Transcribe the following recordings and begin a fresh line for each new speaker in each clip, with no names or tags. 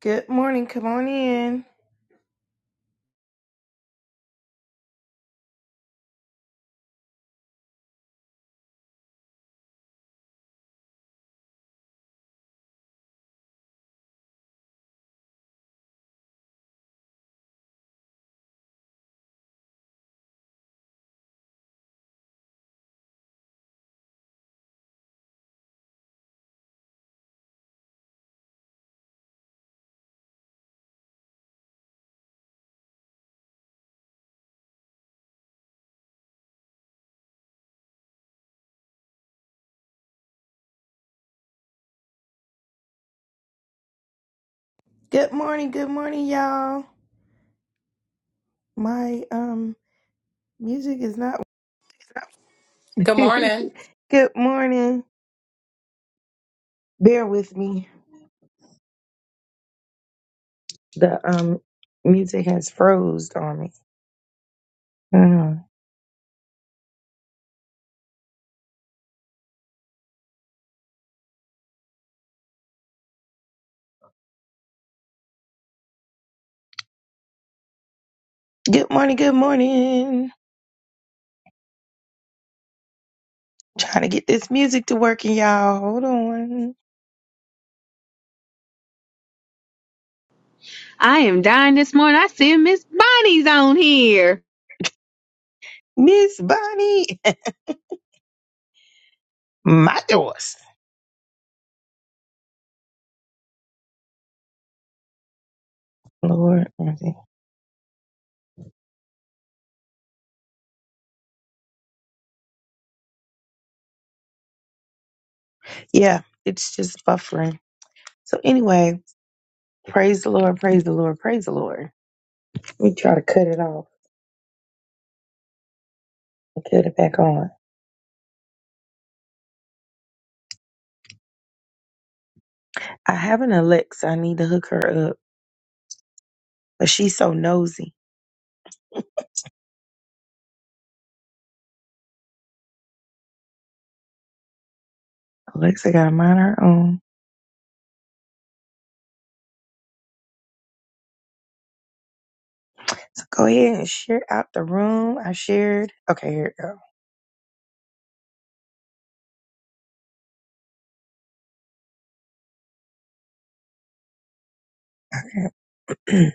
Good morning. Come on in. Good morning. Good morning, y'all. My um music is not.
Good morning.
Good morning. Bear with me. The um music has froze on me. Mhm. Good morning. Good morning. Trying to get this music to working, y'all. Hold on,
I am dying this morning. I see Miss Bonnie's on here.
Miss Bonnie. My doors. Lord, mercy. yeah, it's just buffering. So anyway, praise the Lord. Praise the Lord. Praise the Lord. Let me try to cut it off and cut it back on. I have an Alexa. I need to hook her up, but she's so nosy. Alexa got to mind her own. So go ahead and share out the room. I shared. Okay, here it go. Okay.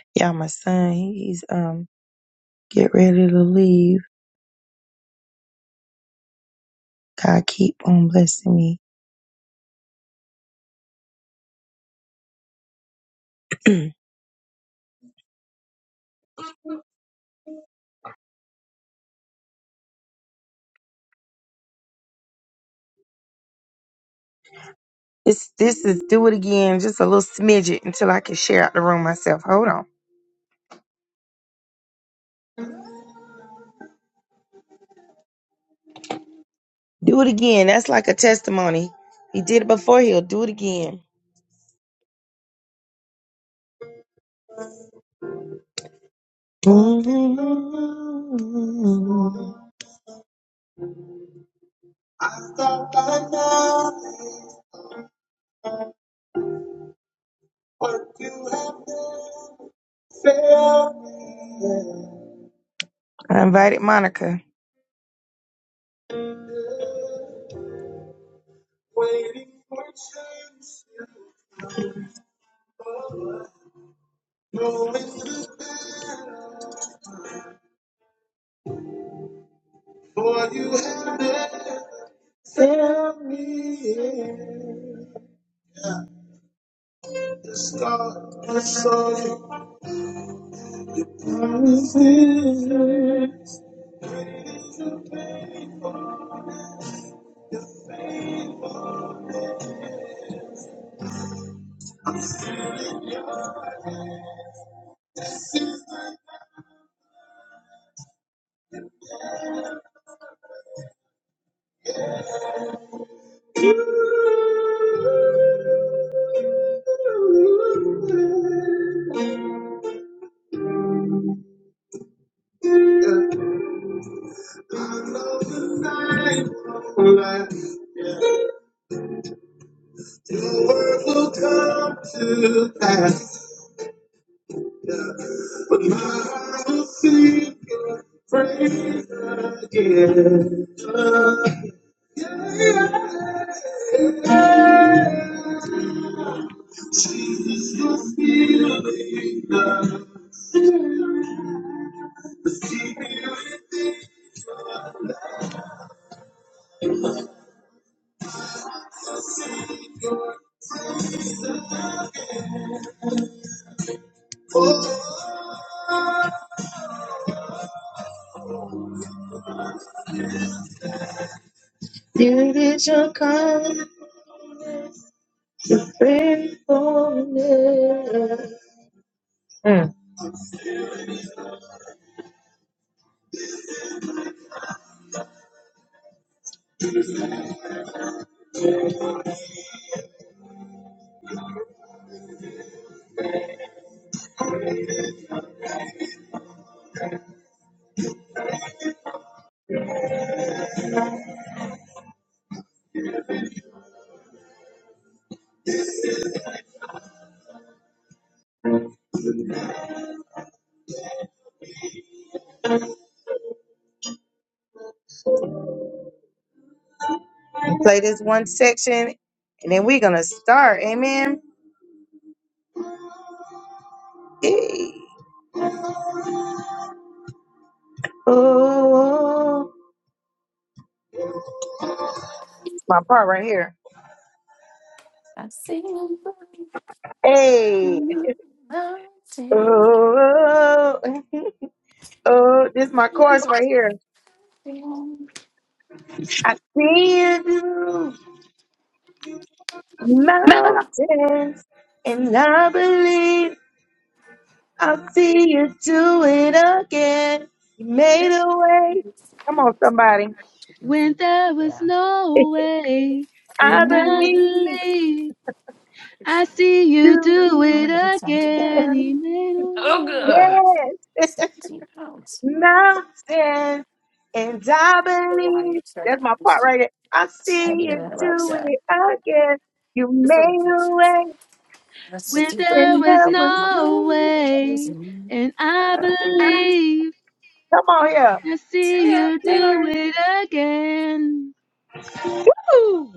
yeah, my son, he- he's um get ready to leave. God keep on blessing me. this this is do it again, just a little smidget until I can share out the room myself. Hold on. Do it again. That's like a testimony. He did it before. He'll do it again. Not by knowledge what you have done. Fail me. I invited Monica. Waiting for change to come. Knowing this for you have never failed me. The scar I saw you. I was in you. Your word will come to pass. But my heart will sing your praise again. It is your kind faithfulness. Mm. We'll Play this one section and then we're going to start. Amen. Hey. Oh, it's my part right here. Hey. Oh, oh, oh, this is my chorus right here. I see you through mountains, and I believe I'll see you do it again. You made a way. Come on, somebody.
When there was no way,
I
and I
believe
believe I see you
you,
do it again. He made a way.
yes, mountains, and I believe. That's my part right there. I see you do it again. You made a way.
When there
When
was
there was
no
no
way, and I
rain.
believe
Come on here.
I see you do it again.
Ooh,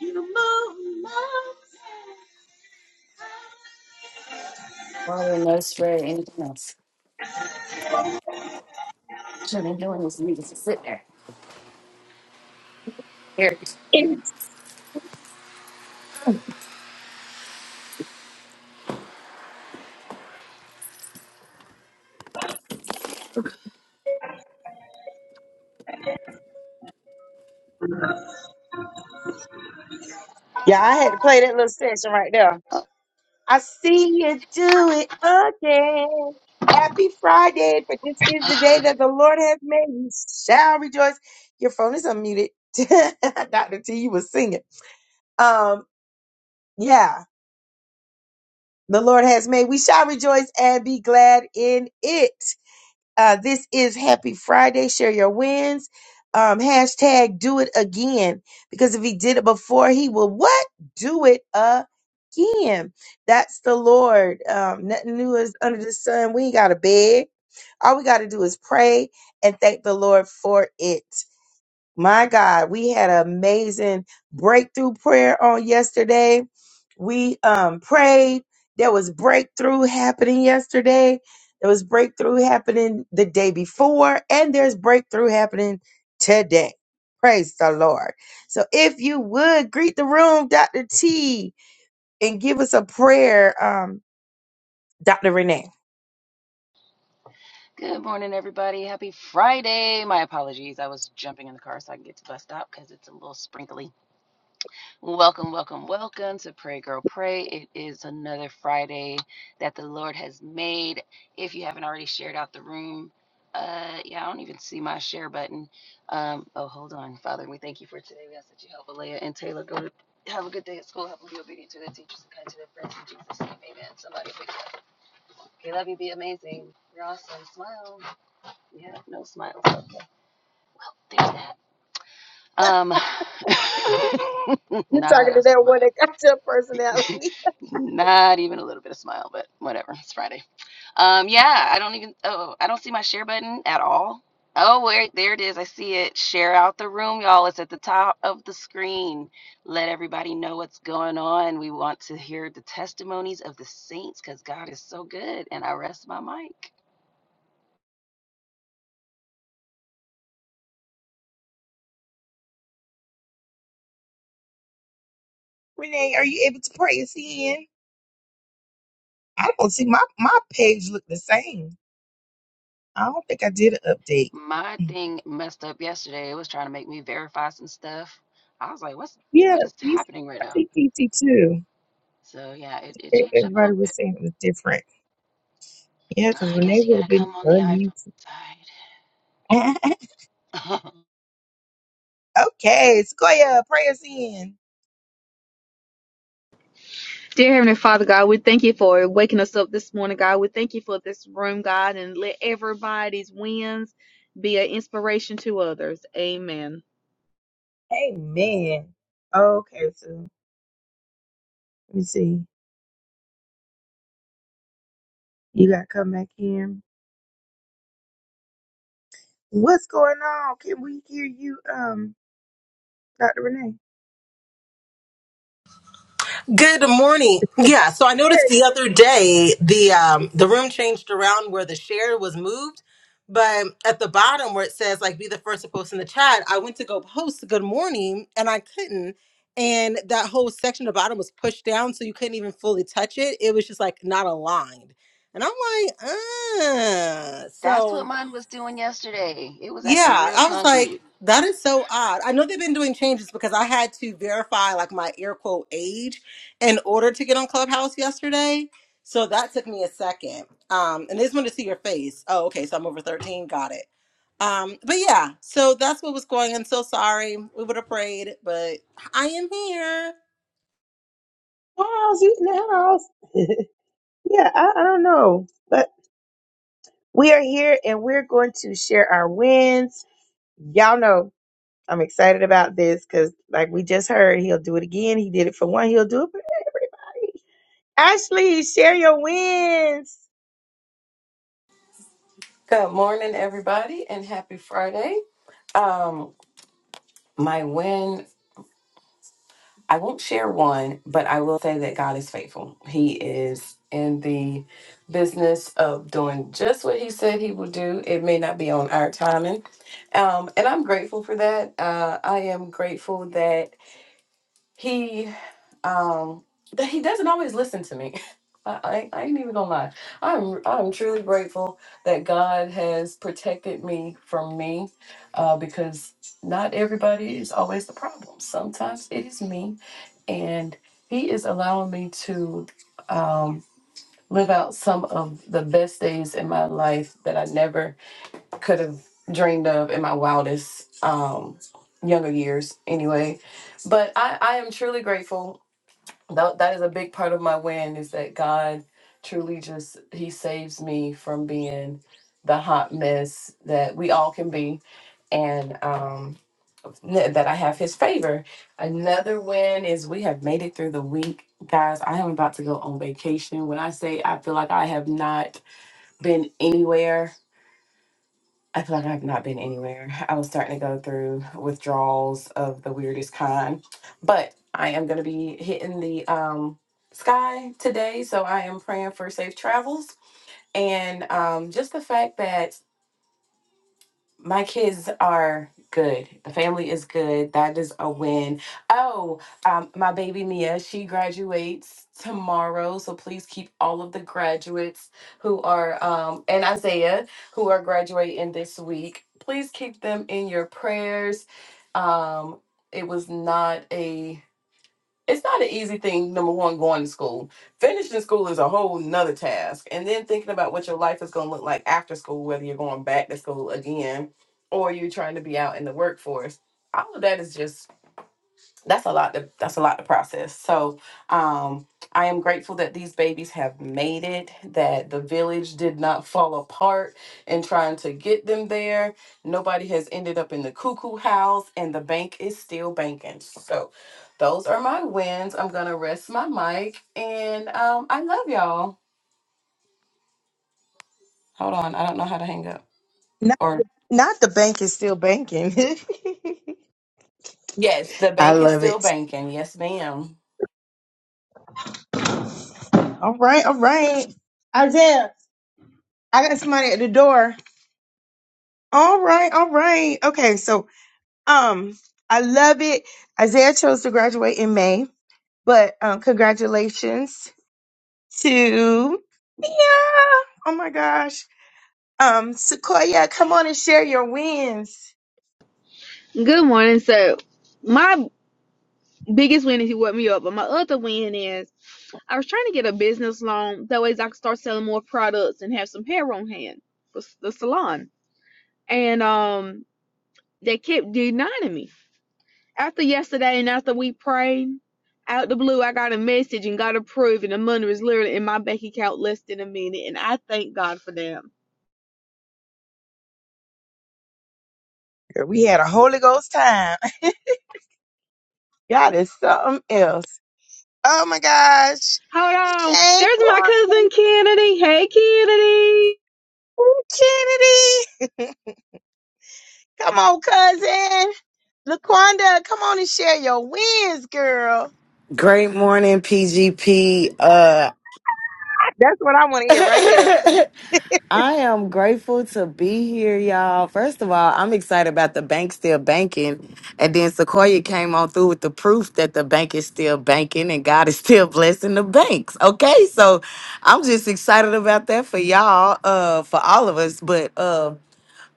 you move my feet. Yeah, I had to play that little section right there. I see you do it again. Happy Friday, for this is the day that the Lord has made. You shall rejoice. Your phone is unmuted. Dr. T, you was singing. Um, yeah, the Lord has made. We shall rejoice and be glad in it. Uh, this is Happy Friday. Share your wins. Um, hashtag do it again. Because if he did it before, he will what? Do it again. That's the Lord. Um, nothing new is under the sun. We ain't got to beg. All we got to do is pray and thank the Lord for it. My God, we had an amazing breakthrough prayer on yesterday. We um prayed. There was breakthrough happening yesterday. There was breakthrough happening the day before, and there's breakthrough happening today. Praise the Lord. So if you would greet the room, Dr. T, and give us a prayer, um, Dr. Renee.
Good morning, everybody. Happy Friday. My apologies. I was jumping in the car so I can get to bus stop because it's a little sprinkly. Welcome, welcome, welcome to Pray Girl Pray. It is another Friday that the Lord has made. If you haven't already shared out the room, uh, yeah, I don't even see my share button. Um, oh, hold on, Father. We thank you for today. We ask that you help Alea and Taylor go to have a good day at school. Help them be obedient to their teachers and kind to their friends. In Jesus' name, amen. Somebody pick up. Okay, love you. Be amazing. You're awesome. Smile. Yeah, no smile. So there's that. Um,
You're
not
talking
a
to that one
smile.
that got your personality.
not even a little bit of smile, but whatever. It's Friday. Um, yeah, I don't even. Oh, I don't see my share button at all. Oh, wait, there it is. I see it. Share out the room, y'all. It's at the top of the screen. Let everybody know what's going on. We want to hear the testimonies of the saints because God is so good. And I rest my mic.
Renee, are you able to pray us in? I don't see my, my page look the same. I don't think I did an update.
My thing messed up yesterday. It was trying to make me verify some stuff. I was like, what's
Yeah,
what is
DC,
happening right
I
now?
think DC too.
So yeah, it, it
E-
changed up a
Everybody
little bit.
was saying it was different. Yeah, because
I
Renee
guess you
would have
gotta
been
come on the iPhone
unmuted.
side.
okay, Sequoia, pray us in.
Dear Heavenly Father, God, we thank you for waking us up this morning, God. We thank you for this room, God, and let everybody's wins be an inspiration to others. Amen.
Amen. Okay, so let me see. You got to come back in. What's going on? Can we hear you, um, Dr. Renee?
Good morning. Yeah, so I
There
noticed the
it is.
other day the um the room changed around where the share was moved, but at the bottom where it says like be the first to post in the chat, I went to go post good morning and I couldn't and that whole section at the bottom was pushed down so you couldn't even fully touch it. It was just like not aligned. And I'm like, uh
That's what
so
mine was doing yesterday. It was acting
yeah,
real
I was like,
funky.
that is so odd. I know they've been doing changes because I had to verify like my air quote age in order to get on Clubhouse yesterday. So that took me a second. Um, and they just wanted to see your face. Oh, okay, so I'm over 13. Got it. Um, but yeah, so that's what was going on. So sorry. We would have prayed, but I am here.
House, you in the house. yeah, I, I don't know. But we are here and we're going to share our wins. Y'all know I'm excited about this because, like we just heard, he'll do it again. He did it for one. He'll do it for everybody. Ashley, share your wins.
Good morning, everybody, and happy Friday. Um, my win, I won't share one, but I will say that God is faithful. He is in the business of doing just what He said He will do. It may not be on our timing. Um, and I'm grateful for that. Uh, I am grateful that. He um that he doesn't always listen to me I, I, I ain't even gonna lie i'm i'm truly grateful that god has protected me from me uh, because not everybody is always the problem sometimes it is me and he is allowing me to um, live out some of the best days in my life that i never could have dreamed of in my wildest um, younger years anyway but I, I am truly grateful that that is a big part of my win is that God truly just he saves me from being the hot mess that we all can be and um n- that I have his favor. Another win is we have made it through the week. Guys, I am about to go on vacation. When I say I feel like I have not been anywhere I feel like I've not been anywhere. I was starting to go through withdrawals of the weirdest kind. But I am going to be hitting the um, sky today. So I am praying for safe travels. And um, just the fact that my kids are good. The family is good. That is a win. Oh, um, my baby Mia, she graduates tomorrow. So please keep all of the graduates who are, um, and Isaiah, who are graduating this week, please keep them in your prayers. Um, it was not a it's not an easy thing number one going to school finishing school is a whole nother task and then thinking about what your life is going to look like after school whether you're going back to school again or you're trying to be out in the workforce all of that is just that's a lot to, that's a lot to process so um i am grateful that these babies have made it that the village did not fall apart in trying to get them there nobody has ended up in the cuckoo house and the bank is still banking so those are my wins i'm gonna rest my mic and um i love y'all hold on i don't know how to hang up
Not,
or
not the bank is still banking.
yes the
I
bank is
love
still
it.
banking yes ma'am
All right, all right. Isaiah, I got somebody at the door. All right, all right. Okay, so um, I love it. Isaiah chose to graduate in May, but um, congratulations to Mia. Oh my gosh. Um, Sequoia, come on and share your wins.
Good morning. So, my biggest win is you woke me up, but my other win is I was trying to get a business loan. That way, I could start selling more products and have some hair on hand for s- the salon. And um, they kept denying me. After yesterday and after we prayed, out the blue, I got a message and got approved, and the money was literally in my bank account less than a minute, and I thank God for them.
Girl, We had a Holy Ghost time. God is something else. Oh my gosh.
Hold on,
Hey,
there's my
Quan-
cousin Kennedy. Hey, Kennedy.
Kennedy. Come on, cousin. Laquanda, come on and share your wins, girl.
Great morning, PGP. Uh,
That's what I want to hear right there.
I am grateful to be here, y'all. First of all, I'm excited about the bank still banking. And then Sequoia came on through with the proof that the bank is still banking and God is still blessing the banks. Okay. So I'm just excited about that for y'all, uh, for all of us. But, um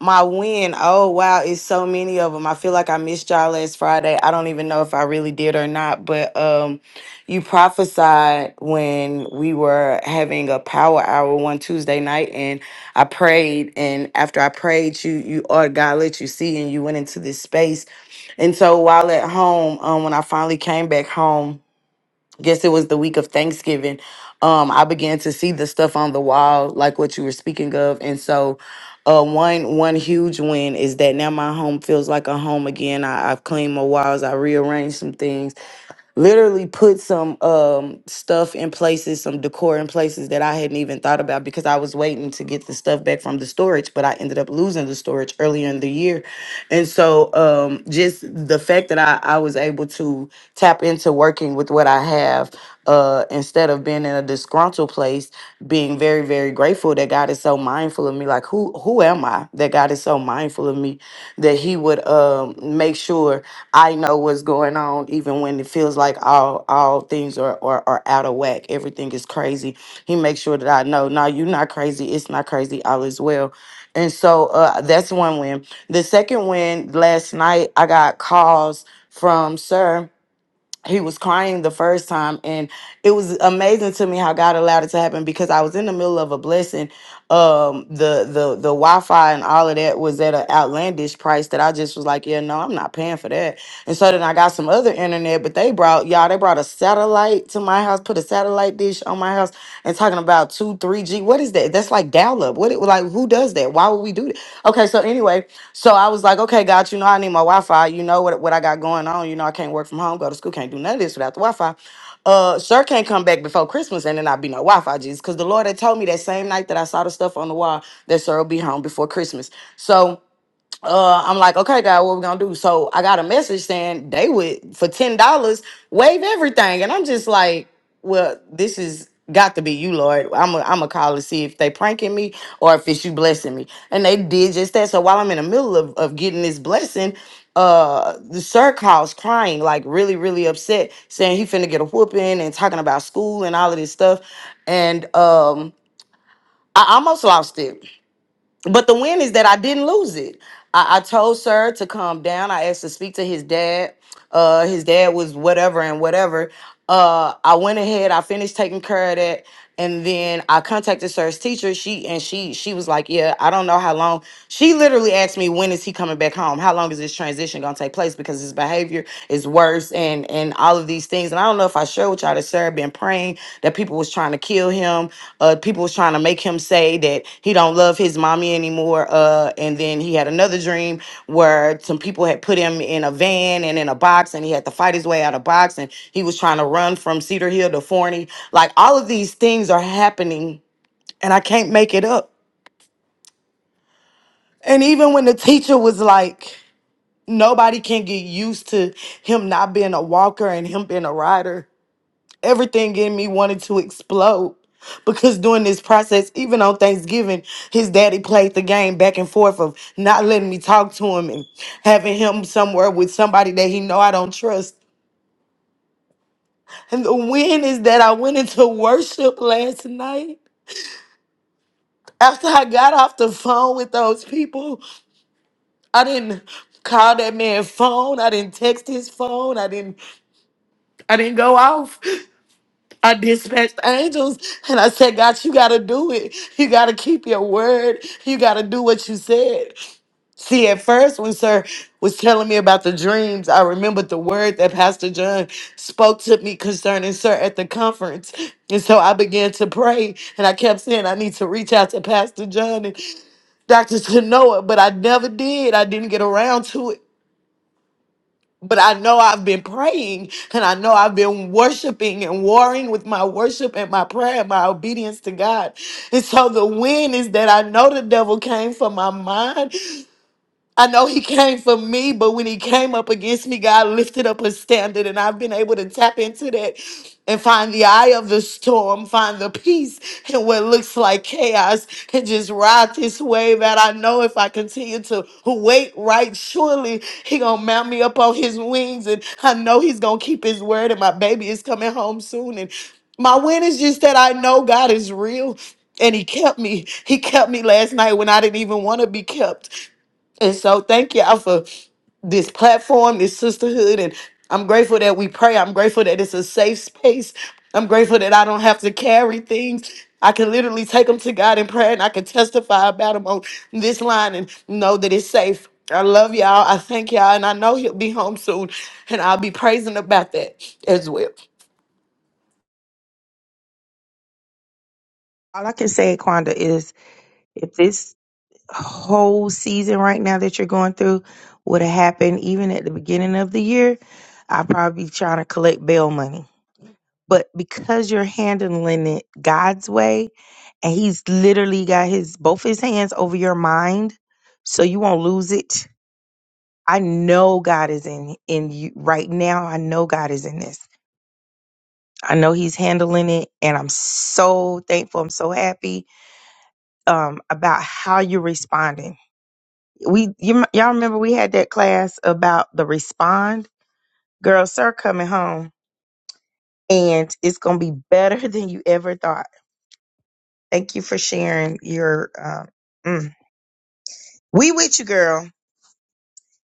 my win. Oh wow, it's so many of them. I feel like I missed y'all last Friday. I don't even know if I really did or not, but um you prophesied when we were having a power hour one Tuesday night and I prayed and after I prayed you you or God let you see and you went into this space. And so while at home, um when I finally came back home guess it was the week of Thanksgiving, um, I began to see the stuff on the wall, like what you were speaking of. And so uh, one one huge win is that now my home feels like a home again. I, I've cleaned my walls, I rearranged some things, literally put some um stuff in places, some decor in places that I hadn't even thought about because I was waiting to get the stuff back from the storage, but I ended up losing the storage earlier in the year. And so um just the fact that I, I was able to tap into working with what I have uh instead of being in a disgruntled place, being very, very grateful that God is so mindful of me. Like who who am I that God is so mindful of me that he would um make sure I know what's going on, even when it feels like all all things are, are, are out of whack. Everything is crazy. He makes sure that I know, no, you're not crazy. It's not crazy. All is well. And so uh, that's one win. The second win last night, I got calls from Sir he was crying the first time and it was amazing to me how God allowed it to happen because I was in the middle of a blessing um the the the Wi-Fi and all of that was at an outlandish price that I just was like yeah no I'm not paying for that and so then I got some other internet but they brought y'all they brought a satellite to my house put a satellite dish on my house and talking about 2 3G what is that that's like dial up what it like who does that why would we do that okay so anyway so I was like, okay, God, you know, I need my Wi Fi. You know what, what I got going on. You know, I can't work from home, go to school, can't do none of this without the Wi Fi. Uh, sir can't come back before Christmas and then I'll be no Wi Fi, Jesus. Because the Lord had told me that same night that I saw the stuff on the wall that sir will be home before Christmas. So uh, I'm like, okay, God, what we gonna do? So I got a message saying they would for ten dollars waive everything, and I'm just like, well, this is got to be you, Lord. I'm a, I'm a call to see if they pranking me or if it's you blessing me, and they did just that. So while I'm in the middle of of getting this blessing, uh, the sir calls crying, like really really upset, saying he finna get a whooping and talking about school and all of this stuff, and um, I almost lost it but the win is that I didn't lose it. I, I told sir to calm down. I asked to speak to his dad. Uh, his dad was whatever and whatever. Uh, I went ahead. I finished taking care of that, and then I contacted sir's teacher. She and she she was like, "Yeah, I don't know how long." She literally asked me, "When is he coming back home? How long is this transition gonna take place? Because his behavior is worse." and and all of these things and i don't know if i showed y'all that sarah been praying that people was trying to kill him uh people was trying to make him say that he don't love his mommy anymore uh and then he had another dream where some people had put him in a van and in a box and he had to fight his way out of box and he was trying to run from cedar hill to forney like all of these things are happening and i can't make it up and even when the teacher was like nobody can get used to him not being a walker and him being a rider Everything in me wanted to explode because during this process, even on Thanksgiving, his daddy played the game back and forth of not letting me talk to him and having him somewhere with somebody that he know I don't trust. And the win is that I went into worship last night. After I got off the phone with those people, I didn't call that man phone. I didn't text his phone. I didn't I didn't go off. I dispatched angels and I said, God, you got to do it. You got to keep your word. You got to do what you said. See, at first, when Sir was telling me about the dreams, I remembered the word that Pastor John spoke to me concerning Sir at the conference. And so I began to pray and I kept saying, I need to reach out to Pastor John and Dr. Tanoa, but I never did. I didn't get around to it. But I know I've been praying and I know I've been worshiping and warring with my worship and my prayer and my obedience to God. And so the win is that I know the devil came for my mind. I know he came for me, but when he came up against me, God lifted up a standard, and I've been able to tap into that and find the eye of the storm, find the peace in what looks like chaos, and just ride this wave out. I know if I continue to wait right, surely he gonna mount me up on his wings, and I know he's gonna keep his word, and my baby is coming home soon. And my win is just that I know God is real. And he kept me. He kept me last night when I didn't even want to be kept. And so thank y'all for this platform, this sisterhood. And I'm grateful that we pray. I'm grateful that it's a safe space. I'm grateful that I don't have to carry things. I can literally take them to God in prayer and I can testify about them on this line and know that it's safe. I love y'all. I thank y'all. And I know he'll be home soon. And I'll be praising about that as well.
All I can say, Quanda, is if this whole season right now that you're going through would have happened even at the beginning of the year, I'd probably be trying to collect bail money. But because you're handling it God's way, and He's literally got His both His hands over your mind, so you won't lose it. I know God is in in you right now. I know God is in this. I know He's handling it, and I'm so thankful. I'm so happy um, about how you're responding. We you, m- y'all remember we had that class about the respond girl, sir, coming home, and it's gonna be better than you ever thought. Thank you for sharing your. Um, mm. We with you, girl.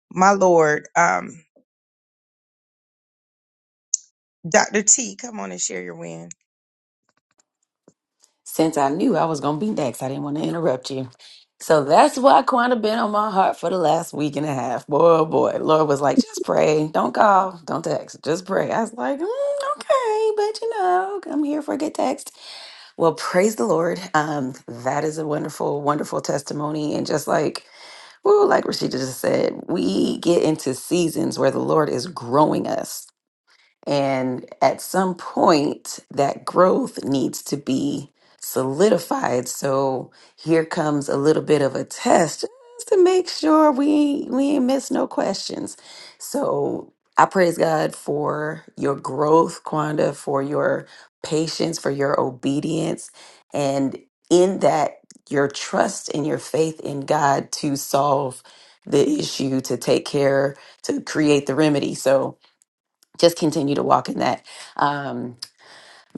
My Lord, um, Doctor T, come on and share your win.
Next, I didn't want to interrupt you. So that's why Quanta been on my heart for the last week and a half. Boy, oh boy. Lord was like, just pray. Don't call. Don't text. Just pray. I was like, mm, okay, but you know, I'm here for a good text. Well, praise the Lord. Um, that is a wonderful, wonderful testimony. And just like, woo, like Rashida just said, we get into seasons where the Lord is growing us. And at some point, that growth to be solidified. So here comes a little bit of a test just to make sure we ain't- we ain't miss no questions. So I praise God for your growth, Quanda, for your patience, for your obedience, and in that your trust and your faith in God to solve the issue, to take care, to create the remedy. So just continue to walk in that. Um,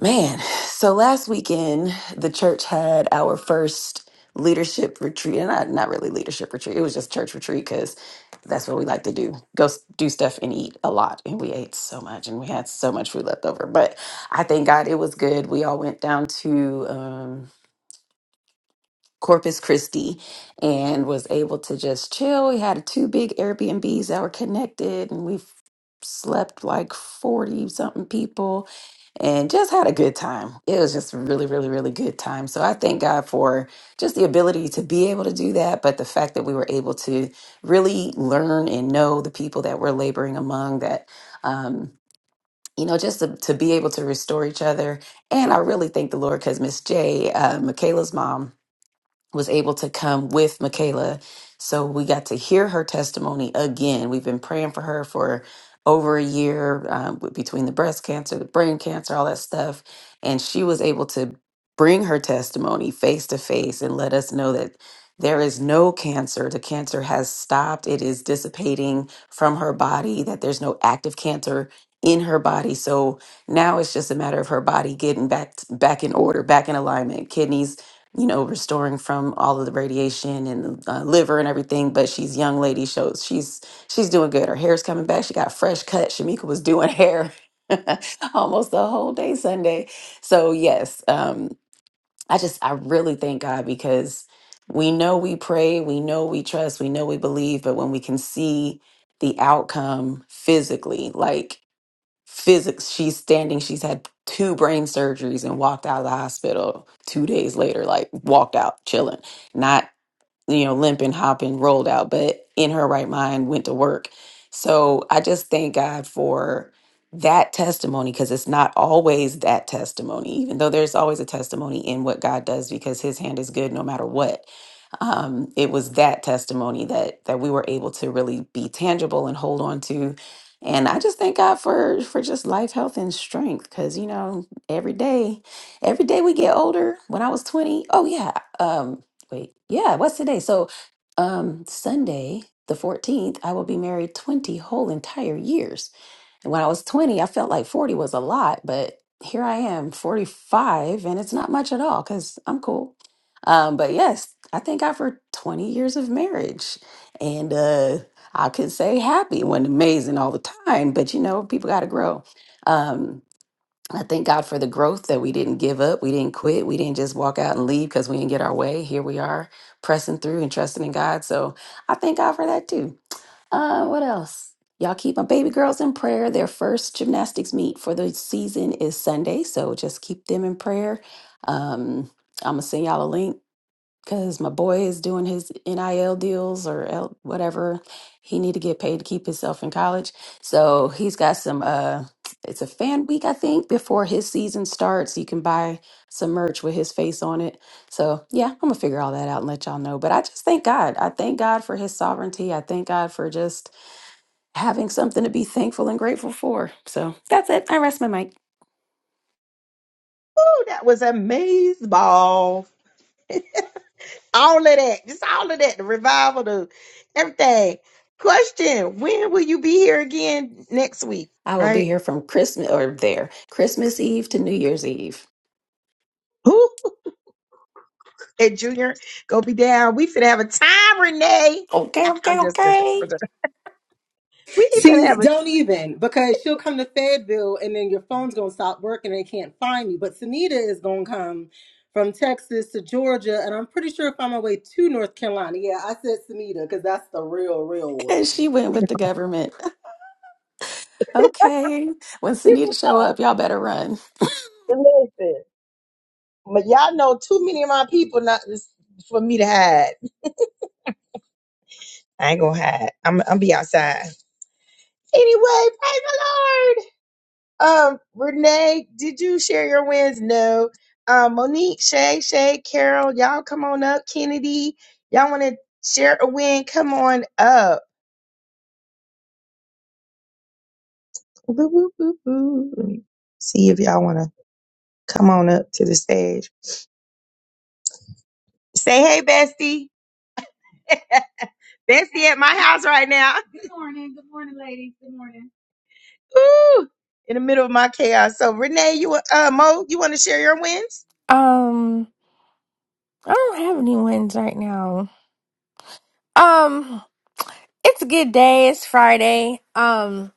Man, so last weekend the church had our first leadership retreat, and not not really leadership retreat. It was just church retreat because that's what we like to do: go s- do stuff and eat a lot. And we ate so much, and we had so much food left over. But I thank God it was good. We all went down to. um, Corpus Christi and was able to just chill. We had two big Airbnbs that were connected and we slept like 40 something people and just had a good time. It was just a really, really, really good time. So I thank God for just the ability to be able to do that, but the fact that we were able to really learn and know the people that we're laboring among that. Um, you know, just to, to be able to restore each other. And I really thank the Lord because Miss J, uh, Michaela's mom, was able to come with Michaela. So we got to hear her testimony again. We've been praying for her for over a year um, with- between the breast cancer, the brain cancer, all that stuff. And she was able to bring her testimony face to face and let us know that there is no cancer. The cancer has stopped, it is dissipating from her body, that there's no active cancer in her body. So now it's just a matter of her body getting back back in order, back in alignment. Kidneys you know, restoring from all of the radiation and the uh, liver and everything. But she's young lady, shows she's she's doing good. Her hair's coming back. She got a fresh cut. Shamika was doing hair almost the whole day Sunday. So yes, um, I just I really thank God because we know we pray, we know we trust, we know we believe, but when we can see the outcome physically, like physics she's standing she's had two brain surgeries and walked out of the hospital two days later like walked out chilling not you know limping hopping rolled out but in her right mind went to work so i just thank god for that testimony because it's not always that testimony even though there's always a testimony in what god does because his hand is good no matter what um, it was that testimony that that we were able to really be tangible and hold on to and i just thank god for for just life health and strength because you know every day every day we get older when i was 20, oh yeah um wait yeah what's today so um sunday the 14th i will be married 20 whole entire years and when I was 20, I felt like 40 was a lot, but here I am, 45, and it's not much at all because I'm cool. Um, but yes, I thank God for 20 years of marriage. And uh, I could say happy when amazing all the time, but you know, people got to grow. Um, I thank God for the growth that we didn't give up. We didn't quit. We didn't just walk out and leave because we didn't get our way. Here we are pressing through and trusting in God. So I thank God for that too. Uh, what else? Y'all keep my baby girls in prayer. Their first gymnastics meet for the season is Sunday. So just keep them in prayer. Um, I'm going to send y'all a link because my boy is doing his NIL deals or L- whatever. He need to get paid to keep himself in college. So he's got some. uh It's a fan week, I think, before his season starts. You can buy some merch with his face on it. So yeah, I'm gonna figure all that out and let y'all know. But I just thank God. I thank God for His sovereignty. I thank God for just having something to be thankful and grateful for. So that's it. I rest my mic.
Ooh, that was amazing ball. All of that. Just all of that. The revival, the everything. Question When will you be here again next week?
I will be
Right?
here from Christmas or there Christmas Eve to New Year's Eve.
Who? Hey, Junior, go be down. We finna have a time, Renee.
Okay,
I'm
okay,
just
okay.
we finna
See,
have a
don't even because she'll come to Fayetteville and then your phone's gonna stop working and they can't find you. But Sunita is gonna come from Texas to Georgia, and I'm pretty sure find my way to North Carolina. Yeah, I said Sunita because that's the real, real
And
one.
she went with the government. Okay. When
give me a
Sunita show up,
phone.
y'all better run.
Listen, but y'all know too many of my people not this, for me to hide. I ain't gonna hide. I'm I'm be outside anyway. Praise the Lord. Um, Renee, did you share your wins? No. Um, Monique, Shay, Shay, Carol, y'all come on up. Kennedy, y'all want to share a win? Come on up. Boo, boo, boo, boo. Let me see if y'all want to come on up to the stage. Say hey, bestie. bestie at my house right now. Ooh, in the middle of my chaos. So Renee, you wa- uh Mo, you want to share your wins?
Um, I don't have any wins right now. Um, it's a good day. It's Friday. Um,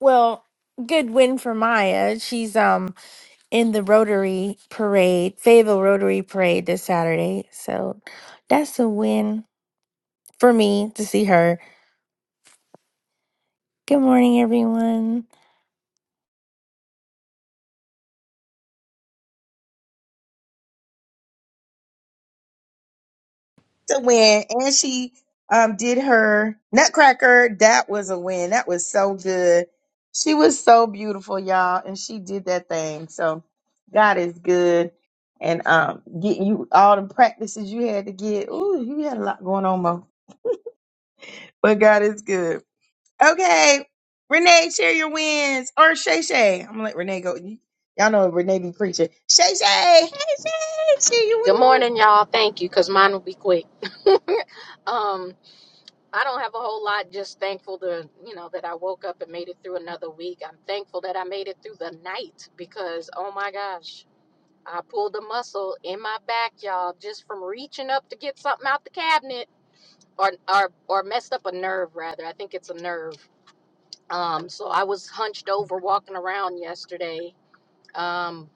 well, good win for Maya. She's um in the Rotary Parade, Fayetteville Rotary Parade this Saturday. So that's a win for me to see her. Good morning, everyone.
That's a win. And she um did her Nutcracker. That was a win. That was so good. She was so beautiful, y'all, and she did that thing. So God is good. And um getting you all the practices you had to get. Ooh, you had a lot going on, Mo. But God is good. Okay. Renee, share your wins. Or Shay Shay. I'm gonna let Renee go. You- Y'all know Renee be preaching. Shay Shay, hey Shay, share your
Good
wins.
morning, y'all. Thank you, cause mine will be quick. Um, I don't have a whole lot. Just thankful to you know that I woke up and made it through another week. I'm thankful that I made it through the night because oh my gosh, I pulled a muscle in my back, y'all, just from reaching up to get something out the cabinet or or or messed up a nerve rather. I think it's a nerve. Um, so I was hunched over walking around yesterday. Um,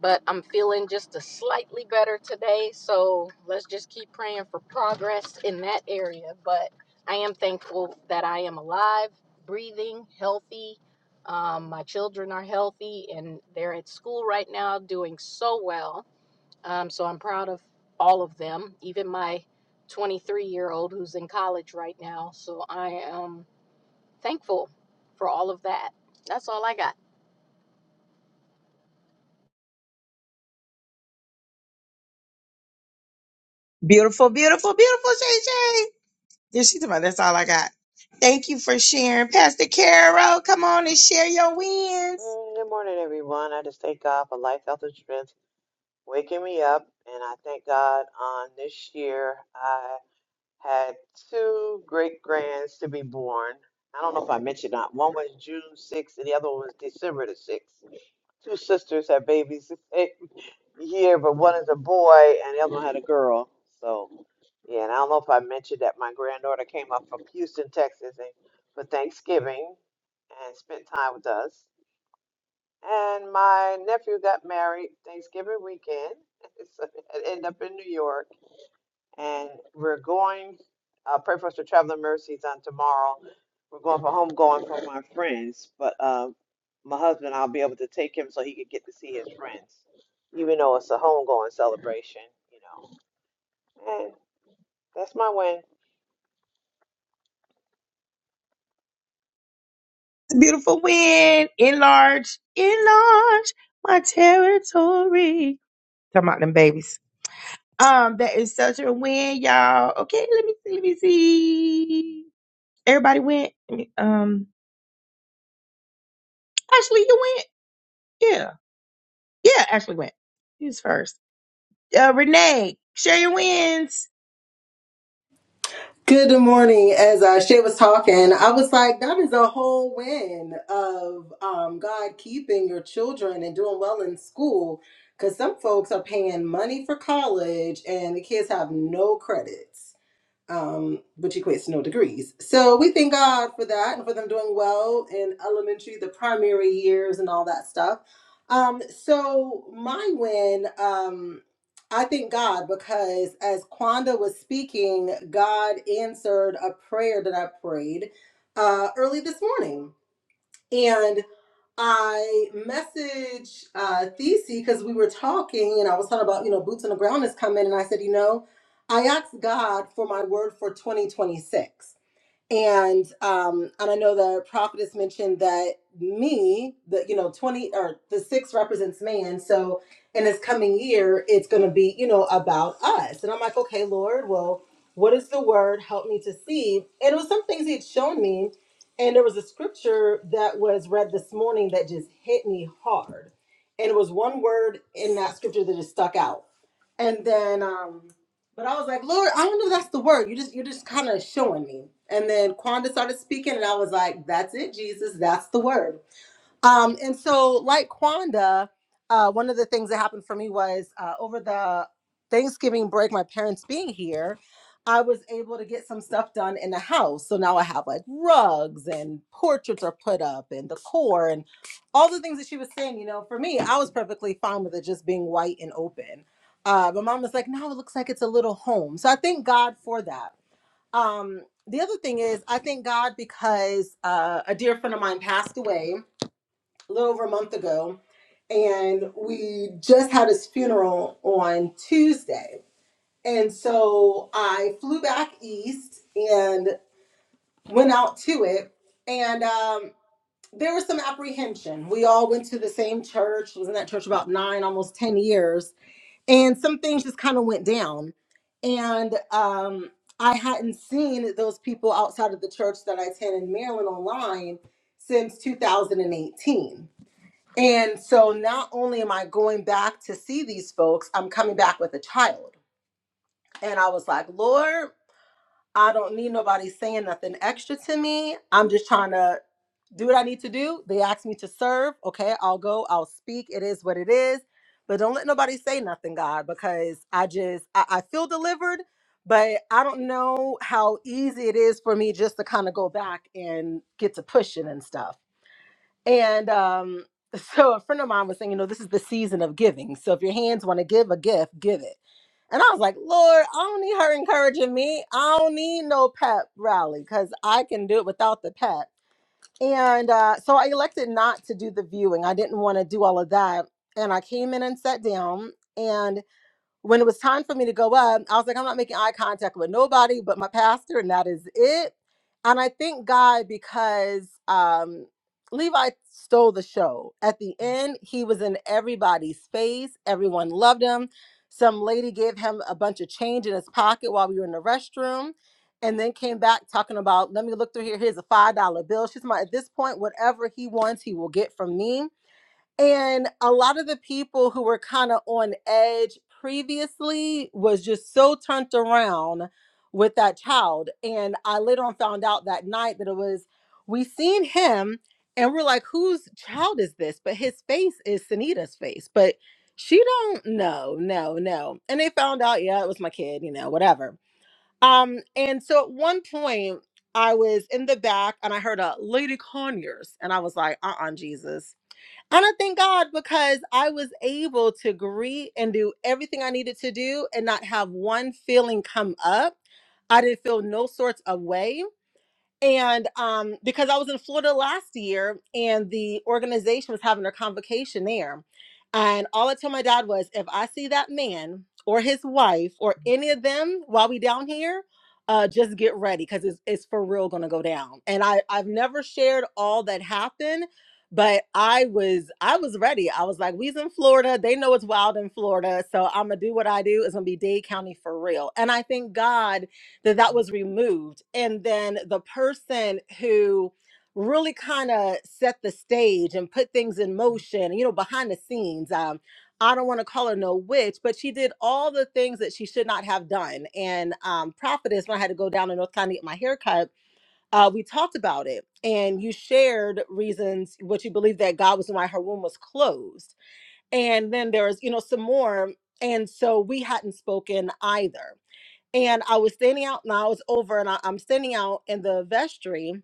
but I'm feeling just a slightly better today. So let's just keep praying for progress in that area. But I am thankful that I am alive, breathing, healthy. Um, my children are healthy and they're at school right now doing so well. Um, so I'm proud of all of them, even my 23 year old who's in college right now. So I am thankful for all of that. That's all I got.
Beautiful, beautiful, beautiful Shay Shay. Yeah, she talking about that's all I got. Thank you for sharing. Pastor Carol, come on and share your wins.
Mm, Good morning, everyone. I just thank God for life, health, and strength, waking me up. And I thank God on this year, I had two great grands to be born. I don't know if I mentioned that. One was June 6th, and the other one was December the 6th. Two sisters had babies the same year, but one is a boy, and the other one had a girl. So, yeah, and I don't know if I mentioned that my granddaughter came up from Houston, Texas, and for Thanksgiving and spent time with us. And my nephew got married Thanksgiving weekend. So it ended up in New York. And we're going, uh, pray for us for traveling mercies on tomorrow. We're going for homegoing for my friends. But uh, my husband, I'll be able to take him so he could get to see his friends, even though it's a homegoing celebration, you know. And that's my win.
It's a beautiful win. Enlarge, enlarge my territory. Talking about them babies. Um, that is such a win, y'all. Okay, let me see, let me see. Everybody went. Let me- Um, Ashley, you went. Yeah, yeah, Ashley went. Who's first? Uh, Renee, share your wins.
Good morning. As uh, Shay was talking, I was like, that is a whole win of um, God keeping your children and doing well in school because some folks are paying money for college and the kids have no credits. um, which equates to no degrees. So we thank God for that and for them doing well in elementary, the primary years, and all that stuff. Um, so my win, um, I thank God because as Quanda was speaking, God answered a prayer that I prayed uh, early this morning. And I messaged uh, Thesey because we were talking and I was talking about, you know, boots on the ground is coming. And I said, you know, I asked God for my word for 2026 and um and i know the prophetess mentioned that me the you know 20 or the six represents man so in this coming year it's going to be you know about us and i'm like okay lord well what is the word help me to see and it was some things he had shown me and there was a scripture that was read this morning that just hit me hard and it was one word in that scripture that just stuck out and then um but I was like, Lord, I don't know if that's the word. You just you're just kind of showing me. And then Quanda started speaking, and I was like, That's it, Jesus. That's the word. Um, and so, like Quanda, uh, one of the things that happened for me was uh, over the Thanksgiving break, my parents being here, I was able to get some stuff done in the house. So now I have like rugs and portraits are put up and decor and all the things that she was saying. You know, for me, I was perfectly fine with it just being white and open. Uh, but mom was like, no, it looks like it's a little home. So I thank God for that. Um, the other thing is, I thank God because uh, a dear friend of mine passed away a little over a month ago, and we just had his funeral on Tuesday. And so I flew back east and went out to it, and um, there was some apprehension. We all went to the same church, was in that church about nine, almost 10 years, and some things just kind of went down. And um, I hadn't seen those people outside of the church that I attend in Maryland online since 2018 and so not only am I going back to see these folks, I'm coming back with a child. And I was like, Lord, I don't need nobody saying nothing extra to me. I'm just trying to do what I need to do. They asked me to serve. Okay, I'll go, I'll speak. It is what it is. But don't let nobody say nothing, God, because I just, I, I feel delivered, but I don't know how easy it is for me just to kind of go back and get to pushing and stuff. And um, so a friend of mine was saying, you know, this is the season of giving. So if your hands want to give a gift, give it. And I was like, Lord, I don't need her encouraging me. I don't need no pep rally because I can do it without the pep. And uh, so I elected not to do the viewing. I didn't want to do all of that. And I came in and sat down. and. When it was time for me to go up, I was like, I'm not making eye contact with nobody but my pastor, and that is it. And I thank God because um, Levi stole the show. At the end, he was in everybody's face, everyone loved him. Some lady gave him a bunch of change in his pocket while we were in the restroom and then came back talking about, let me look through here. Here's a five dollar bill. She's my at this point, whatever he wants, he will get from me. And a lot of the people who were kind of on edge previously was just so turned around with that child. And I later on found out that night that it was, we seen him and we're like, whose child is this? But his face is Sunita's face. But she don't know, no, no. And they found out, yeah, it was my kid, you know, whatever. Um, and so at one point I was in the back and I heard a Lady Conyers and I was like, uh-uh, Jesus and I thank God because I was able to agree and do everything I needed to do and not have one feeling come up. I didn't feel no sorts of way and um, because I was in Florida last year and the organization was having their convocation there. And all I told my dad was if I see that man or his wife or any of them while we down here, uh, just get ready because it's, it's for real gonna go down. And I, I've never shared all that happened, but I was I was ready. I was like, we's in Florida, they know it's wild in Florida, so I'm gonna do what I do. It's gonna be Dade County for real. And I thank God that that was removed and then the person who really kind of set the stage and put things in motion you know behind the scenes um i don't want to call her no witch but she did all the things that she should not have done and um prophetess when i had to go down to north carolina to get my haircut uh we talked about it and you shared reasons what you believe that god was why her womb was closed and then there was you know some more and so we hadn't spoken either and I was standing out. and I was over, and I, I'm standing out in the vestry,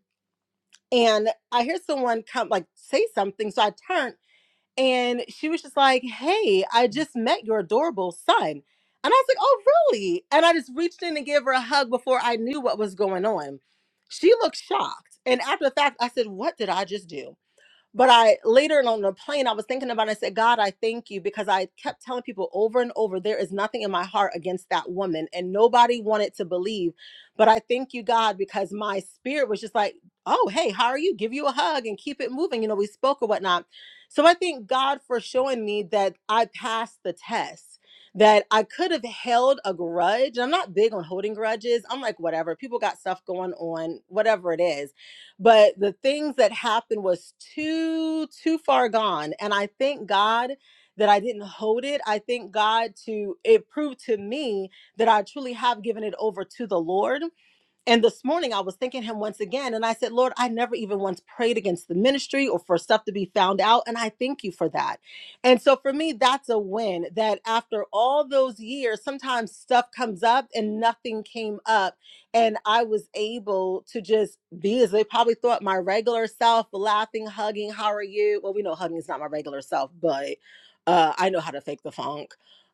and I hear someone come like say something. So I turned, and she was just like, "Hey, I just met your adorable son," and I was like, "Oh, really?" And I just reached in and gave her a hug before I knew what was going on. She looked shocked, and after the fact, I said, "What did I just do?" But I later on the plane, I was thinking about it. I said, God, I thank you because I kept telling people over and over, there is nothing in my heart against that woman. And nobody wanted to believe. But I thank you, God, because my spirit was just like, oh, hey, how are you? Give you a hug and keep it moving. You know, we spoke or whatnot. So I thank God for showing me that I passed the test. That I could have held a grudge. I'm not big on holding grudges. I'm like, whatever. People got stuff going on, whatever it is but the things that happened was too too far gone and i thank god that i didn't hold it i thank god to it proved to me that i truly have given it over to the lord and this morning I was thinking him once again, and I said, Lord, I never even once prayed against the ministry or for stuff to be found out. And I thank you for that. And so for me, that's a win that after all those years, sometimes stuff comes up and nothing came up. And I was able to just be as they probably thought my regular self, laughing, hugging, how are you? Well, we know hugging is not my regular self, but uh, I know how to fake the funk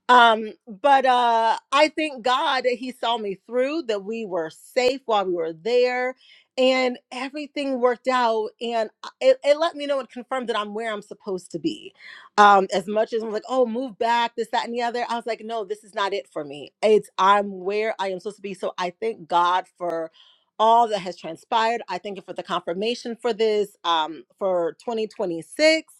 um but uh i thank god that he saw me through that we were safe while we were there and everything worked out and I- it, it let me know and confirmed that i'm where i'm supposed to be um as much as i'm like oh move back this that and the other i was like no this is not it for me it's i'm where i am supposed to be so i thank god for all that has transpired i thank you for the confirmation for this um for 2026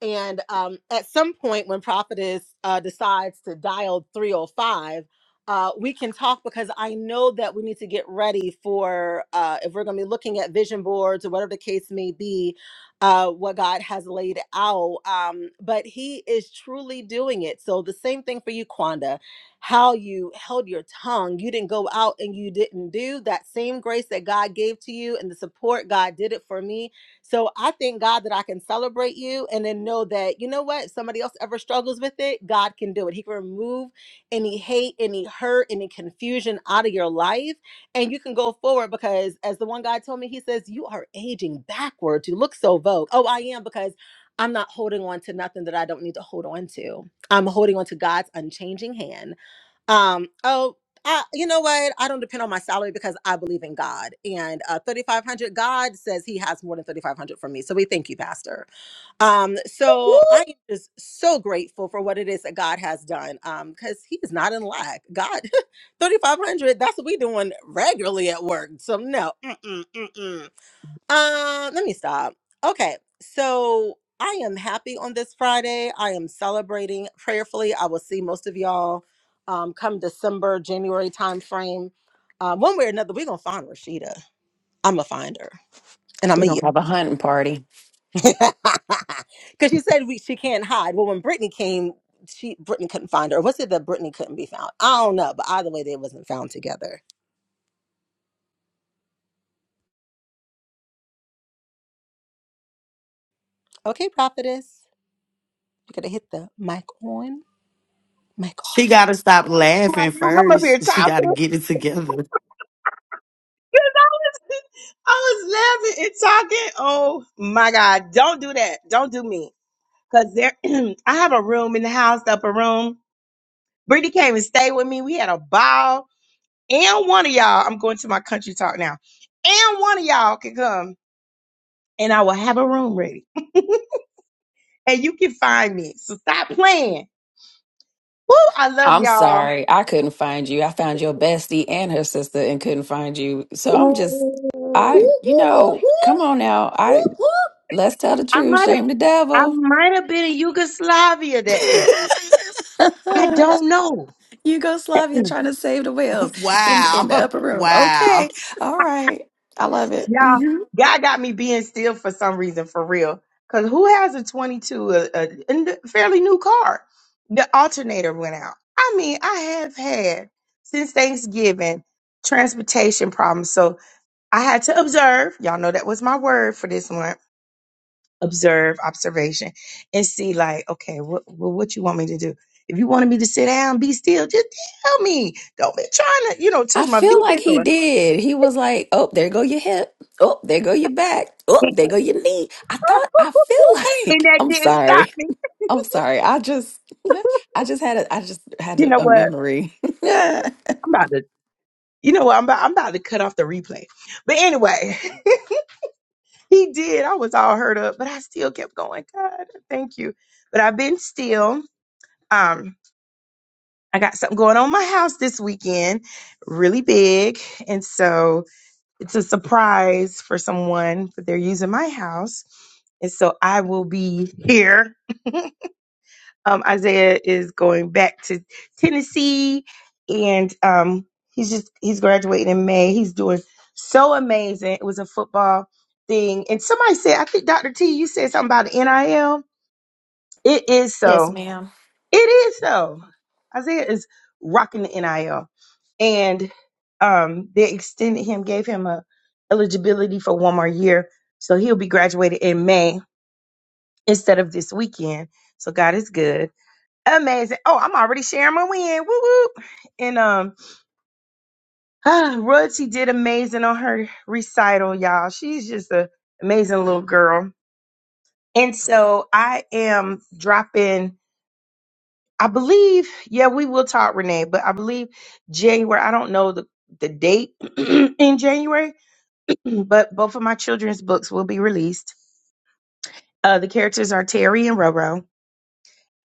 and um, at some point, when Prophetess uh, decides to dial 305, uh, we can talk because I know that we need to get ready for uh, if we're going to be looking at vision boards or whatever the case may be, uh, what God has laid out. Um, but He is truly doing it. So, the same thing for you, Quanda, how you held your tongue. You didn't go out and you didn't do that same grace that God gave to you and the support God did it for me so I thank God that I can celebrate you and then know that, you know what, somebody else ever struggles with it, God can do it. He can remove any hate, any hurt, any confusion out of your life. And you can go forward because, as the one guy told me, he says, You are aging backwards. You look so vogue. Oh, I am because I'm not holding on to nothing that I don't need to hold on to. I'm holding on to God's unchanging hand um, oh, I, you know what? I don't depend on my salary because I believe in God. And uh, 3,500, God says he has more than 3,500 for me. So we thank you, Pastor. Um,
Woo!
so I am just so grateful for what it is that God has done Um, because he is not in lack. God, 3,500, that's what we doing regularly at work. So no, mm-mm, mm-mm. Um, let me stop. Okay, so I am happy on this Friday. I am celebrating prayerfully. I will see most of y'all um come December, January time frame. Um, one way or another, we're gonna find Rashida. I'm gonna find her, and I'm
We're gonna
gonna
have a hunting party.
because she said we she can't hide. Well, when Brittany came, she Brittany couldn't find her. Was it that Brittany couldn't be found? I don't know, but either way, they wasn't found together. Okay, prophetess, you gotta hit the mic on, mic
She
off.
got to stop
My
laughing
I'm up here
first. She got
talking.
to get it together.
I was laughing and talking. Oh my God. Don't do that. Don't do me. Cause there I have a room in the house, the upper room. Brittany came and stayed with me. We had a ball. And one of y'all, I'm going to my country talk now. And one of y'all can come and I will have a room ready. And you can find me. So stop playing. Woo, I love
I'm
y'all.
sorry, I couldn't find you. I found your bestie and her sister and couldn't find you. So I'm just I
Ooh.
you know, come on now. I let's tell the
I
truth.
might have
Shame the
I
devil.
might have been in Yugoslavia that day. I don't know.
Yugoslavia trying to save the whales in, in the
Wow.
upper room.
Wow.
Okay. All right. I love it.
Y'all, God got me being still for some reason, for real. Because who has a 22, a, a n- fairly new car? The alternator went out. I mean, I have had since Thanksgiving transportation problems. So I had to observe. Y'all know that was my word for this one observe, observation, and see, like, okay, what, what, what you want me to do? If you wanted me to sit down, be still, just tell me. Don't be trying to, you know,
I
touch my
feel like he
vehicle.
did. He was like, "Oh, there go your hip. Oh, there go your back. Oh, there go your knee." I thought. I feel
and
like.
that
I'm
didn't stop
sorry.
me.
I'm sorry. I just. I just had a. I just had
You know
a, a
what?
memory. I
I'm about to. You know what? I'm about. I'm about to cut off the replay. But anyway, he did. I was all hurt up, but I still kept going. God, thank you. But I've been still. Um, I got something going on in my house this weekend, really big, and so it's a surprise for someone. But they're using my house, and so I will be here um, Isaiah is going back to Tennessee, and um, he's just he's graduating in May. He's doing so amazing. It was a football thing, and somebody said, I think Dr. T, you said something about the NIL. It is so. It is so. Isaiah is rocking the NIL, and um, they extended him, gave him a eligibility for one more year, so he'll be graduated in May instead of this weekend. So God is good. Amazing. Oh, I'm already sharing my win. Woo woo. And um ah, Rudsy did amazing on her recital, y'all. She's just a amazing little girl. And so I am dropping, I believe, yeah, we will talk, Renee, but I believe January, I don't know the, the date in January, but both of my children's books will be released. Uh, the characters are Terry and Roro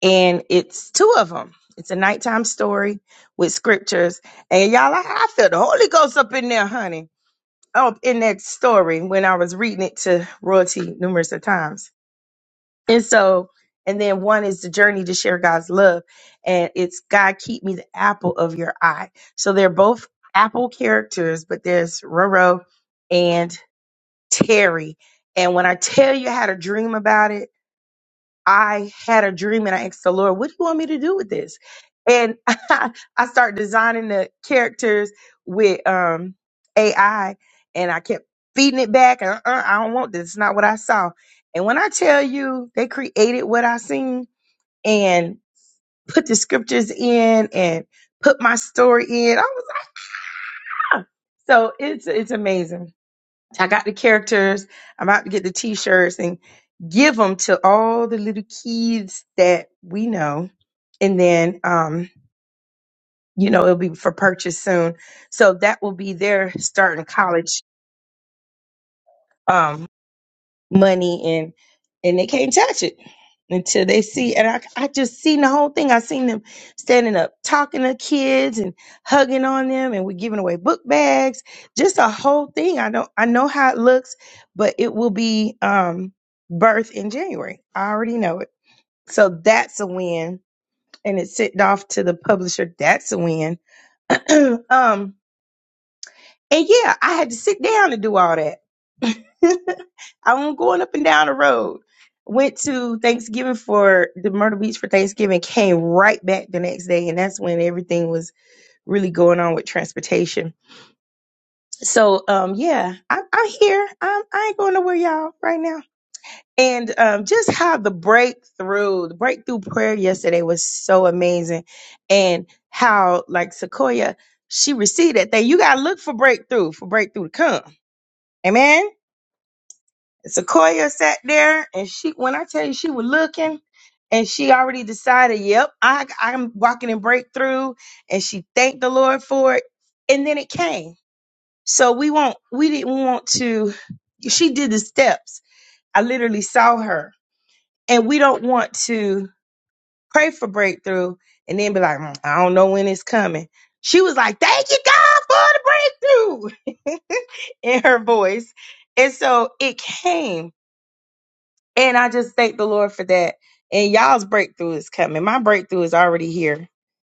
and it's two of them. It's a nighttime story with scriptures, and y'all, I, I felt the Holy Ghost up in there, honey. Up in that story when I was reading it to royalty numerous of times, and so, and then one is the journey to share God's love, and it's God keep me the apple of your eye. So they're both apple characters, but there's Roro and Terry, and when I tell you I had a dream about it. I had a dream and I asked the Lord, what do you want me to do with this? And I, I started designing the characters with um, AI and I kept feeding it back. Uh, uh, I don't want this. It's not what I saw. And when I tell you they created what I seen and put the scriptures in and put my story in, I was, ah. So it's, it's amazing. I got the characters. I'm about to get the t-shirts and give them to all the little kids that we know. And then, um, you know, it'll be for purchase soon. So that will be their starting college. um, money and and they can't touch it until they see and I, I just seen the whole thing i seen them standing up talking to kids and hugging on them and we're giving away book bags just a whole thing i don't i know how it looks but it will be um birth in january i already know it so that's a win and it's sent off to the publisher that's a win um and yeah, I had to sit down and do all that. I was going up and down the road. Went to Thanksgiving for the Myrtle Beach for Thanksgiving, came right back the next day, and that's when everything was really going on with transportation. So um yeah, I'm I'm here. I'm I ain't going nowhere, y'all, right now. And um just how the breakthrough, the breakthrough prayer yesterday was so amazing. And how like Sequoia, she received that thing. You gotta look for breakthrough, for breakthrough to come Amen. Sequoia sat there and she, when I tell you she was looking and she already decided, yep, I, I'm walking in breakthrough. And she thanked the Lord for it. And then it came. So we won't, we didn't want to, she did the steps. I literally saw her and we don't want to pray for breakthrough and then be like, "Mm, I don't know when it's coming. She was like, thank you God for the breakthrough in her voice. And so it came And I just thank the Lord for that. And y'all's breakthrough is coming. My breakthrough is already here.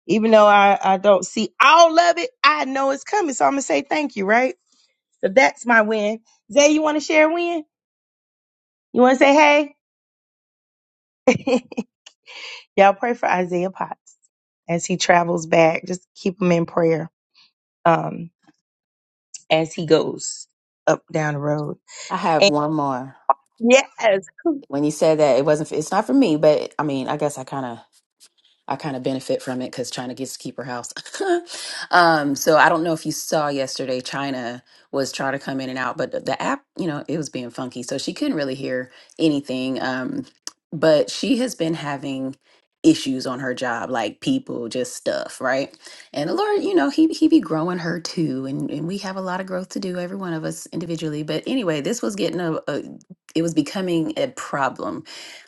Even though I, I don't see all of it, I know it's coming. So I'm gonna say thank you, right? So that's my win. Zay, you wanna share a win? You wanna say hey? y'all pray for Isaiah Potts as he travels back. Just keep him in prayer um as he goes up down the road.
have
And
one more.
yes,
When you said that it wasn't. It's not for me, but I mean, I guess I kind of I kind of benefit from it because China gets to keep her house. um, so I don't know if you saw yesterday, China was trying to come in and out, but the the app, you know, it was being funky. So she couldn't really hear anything. Um, but she has been having issues on her job, like people, just stuff, right? And the Lord, you know, he he be growing her too. And, and we have a lot of growth to do, every one of us individually. But anyway, this was getting a, a it was becoming a problem.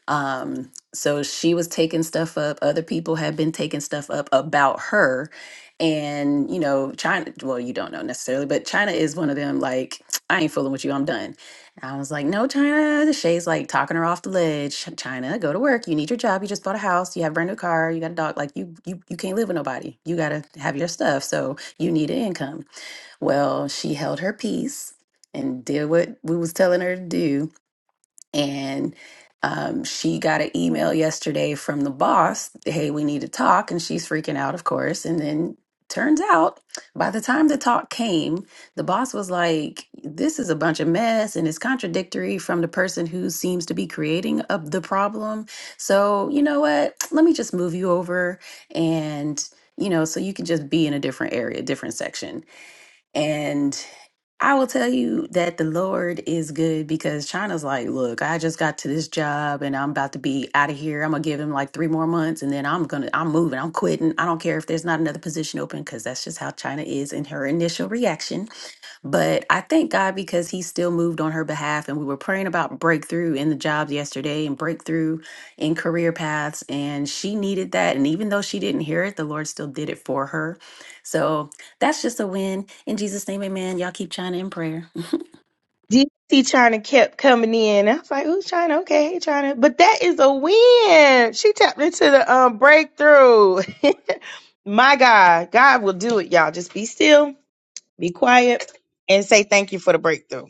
Um, so she was taking stuff up. Other people have been taking stuff up about her. And, you know, China, well, you don't know necessarily, but China is one of them, like, I ain't fooling with you. I'm done. And I was like, no, China. The Shay's like talking her off the ledge. China, go to work. You need your job. You just bought a house. You have a brand new car. You got a dog. Like, you, you, you can't live with nobody. You got to have your stuff. So you need an income. Well, she held her peace and did what we was telling her to do and um, she got an email yesterday from the boss hey we need to talk and she's freaking out of course and then turns out by the time the talk came the boss was like this is a bunch of mess and it's contradictory from the person who seems to be creating a, the problem so you know what let me just move you over and you know so you can just be in a different area different section and. I will tell you that the Lord is good because China's like, look, I just got to this job and I'm about to be out of here. I'm gonna give him like three more months and then I'm gonna, I'm moving, I'm quitting. I don't care if there's not another position open because that's just how China is in her initial reaction. But I thank God because He still moved on her behalf. And we were praying about breakthrough in the jobs yesterday and breakthrough in career paths. And she needed that. And even though she didn't hear it, the Lord still did it for her. So that's just a win. In Jesus' name, amen. Y'all keep China in prayer.
DC China kept coming in. I was like, "Ooh, China, okay, hey, China," but that is a win. She tapped into the um breakthrough. My God, God will do it, y'all. Just be still, be quiet, and say thank you for the breakthrough.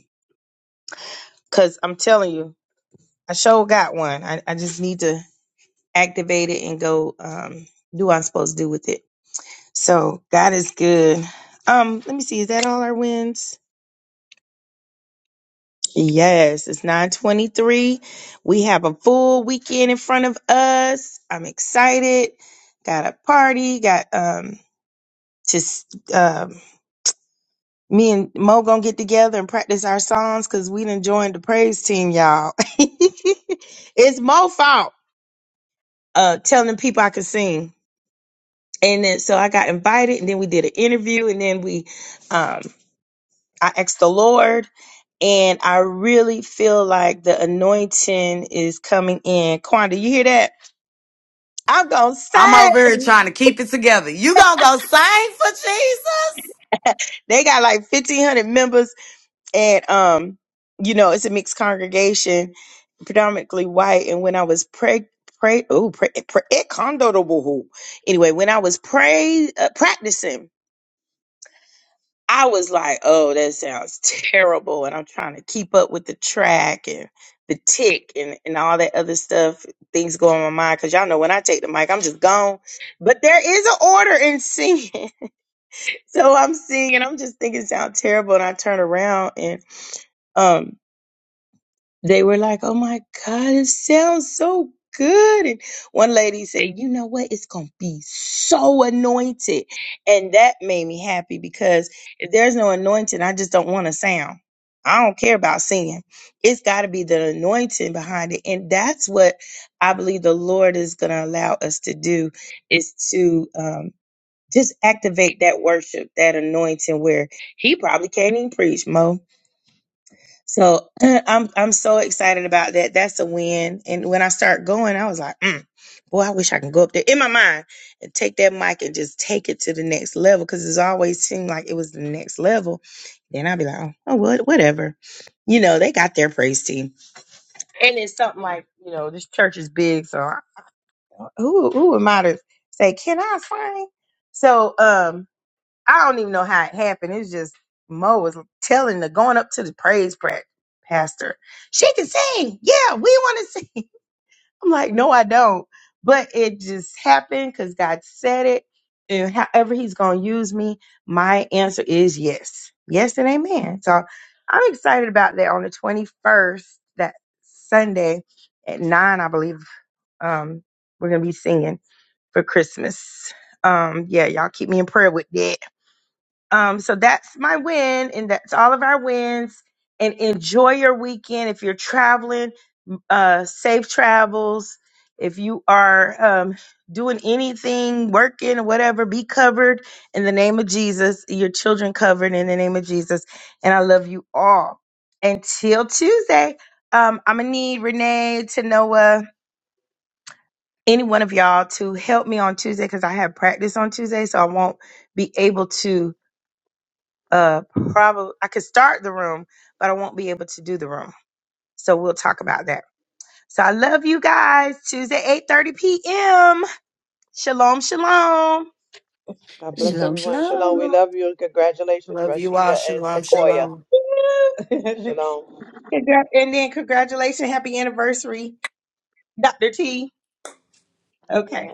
Cause I'm telling you, I sure got one. I, I just need to activate it and go um do what I'm supposed to do with it. So God is good. Um, let me see. Is that all our wins? Yes, it's 923. We have a full weekend in front of us. I'm excited. Got a party. Got um just um me and Mo gonna get together and practice our songs because we done joined the praise team, y'all. it's Mo fault uh telling people I could sing. And then so I got invited and then we did an interview and then we um I asked the Lord and I really feel like the anointing is coming in. Quanda, you hear that? I'm gonna
I'm
say
over here trying to keep it together. You gonna go sing for Jesus?
they got like 1,500 members, and um, you know, it's a mixed congregation, predominantly white. And when I was preg pray, oh, pray, pray, it condo to woohoo. Anyway, when I was pray uh, practicing I was like, oh, that sounds terrible. And I'm trying to keep up with the track and the tick and, and all that other stuff. Things go on my mind because y'all know when I take the mic, I'm just gone. But there is an order in singing. so I'm singing. I'm just thinking it sounds terrible. And I turn around and um. They were like, oh my God, it sounds so good. And one lady said, you know what? It's going to be so anointed. And that made me happy because if there's no anointing, I just don't want to sound. I don't care about singing. It's got to be the anointing behind it. And that's what I believe the Lord is going to allow us to do is to um, just activate that worship, that anointing where he probably can't even preach, Mo so I'm I'm so excited about that. That's a win. And when I start going, I was like, mm, boy, I wish I can go up there in my mind and take that mic and just take it to the next level. Cause it's always seemed like it was the next level. Then I'd be like, oh, oh what whatever. You know, they got their praise team. And it's something like, you know, this church is big, so I, who who am I to say, can I sing? So um I don't even know how it happened. It's just Mo was telling the going up to the praise pra- pastor. She can sing. Yeah, we want to sing. I'm like, no, I don't. But it just happened because God said it. And however He's going to use me, my answer is yes. Yes and amen. So I'm excited about that on the 21st, that Sunday at 9, I believe. Um, we're going to be singing for Christmas. Um, yeah, y'all keep me in prayer with that um, so that's my win, and that's all of our wins. And enjoy your weekend. If you're traveling, uh, safe travels. If you are um, doing anything, working or whatever, be covered in the name of Jesus. Your children covered in the name of Jesus. And I love you all. Until Tuesday, um, I'm gonna need Renee to Noah, any one of y'all to help me on Tuesday because I have practice on Tuesday, so I won't be able to uh probably I could start the room, but I won't be able to do the room. So we'll talk about that. So I love you guys. Tuesday, eight thirty p.m. Shalom, shalom.
God bless everyone. Shalom. We love you. and Congratulations,
Love you all.
Rashida and
Shalom,
Sequoia.
shalom.
Shalom.
Congra- and then congratulations, happy anniversary, Dr. T.
Oh,
Okay.
yeah.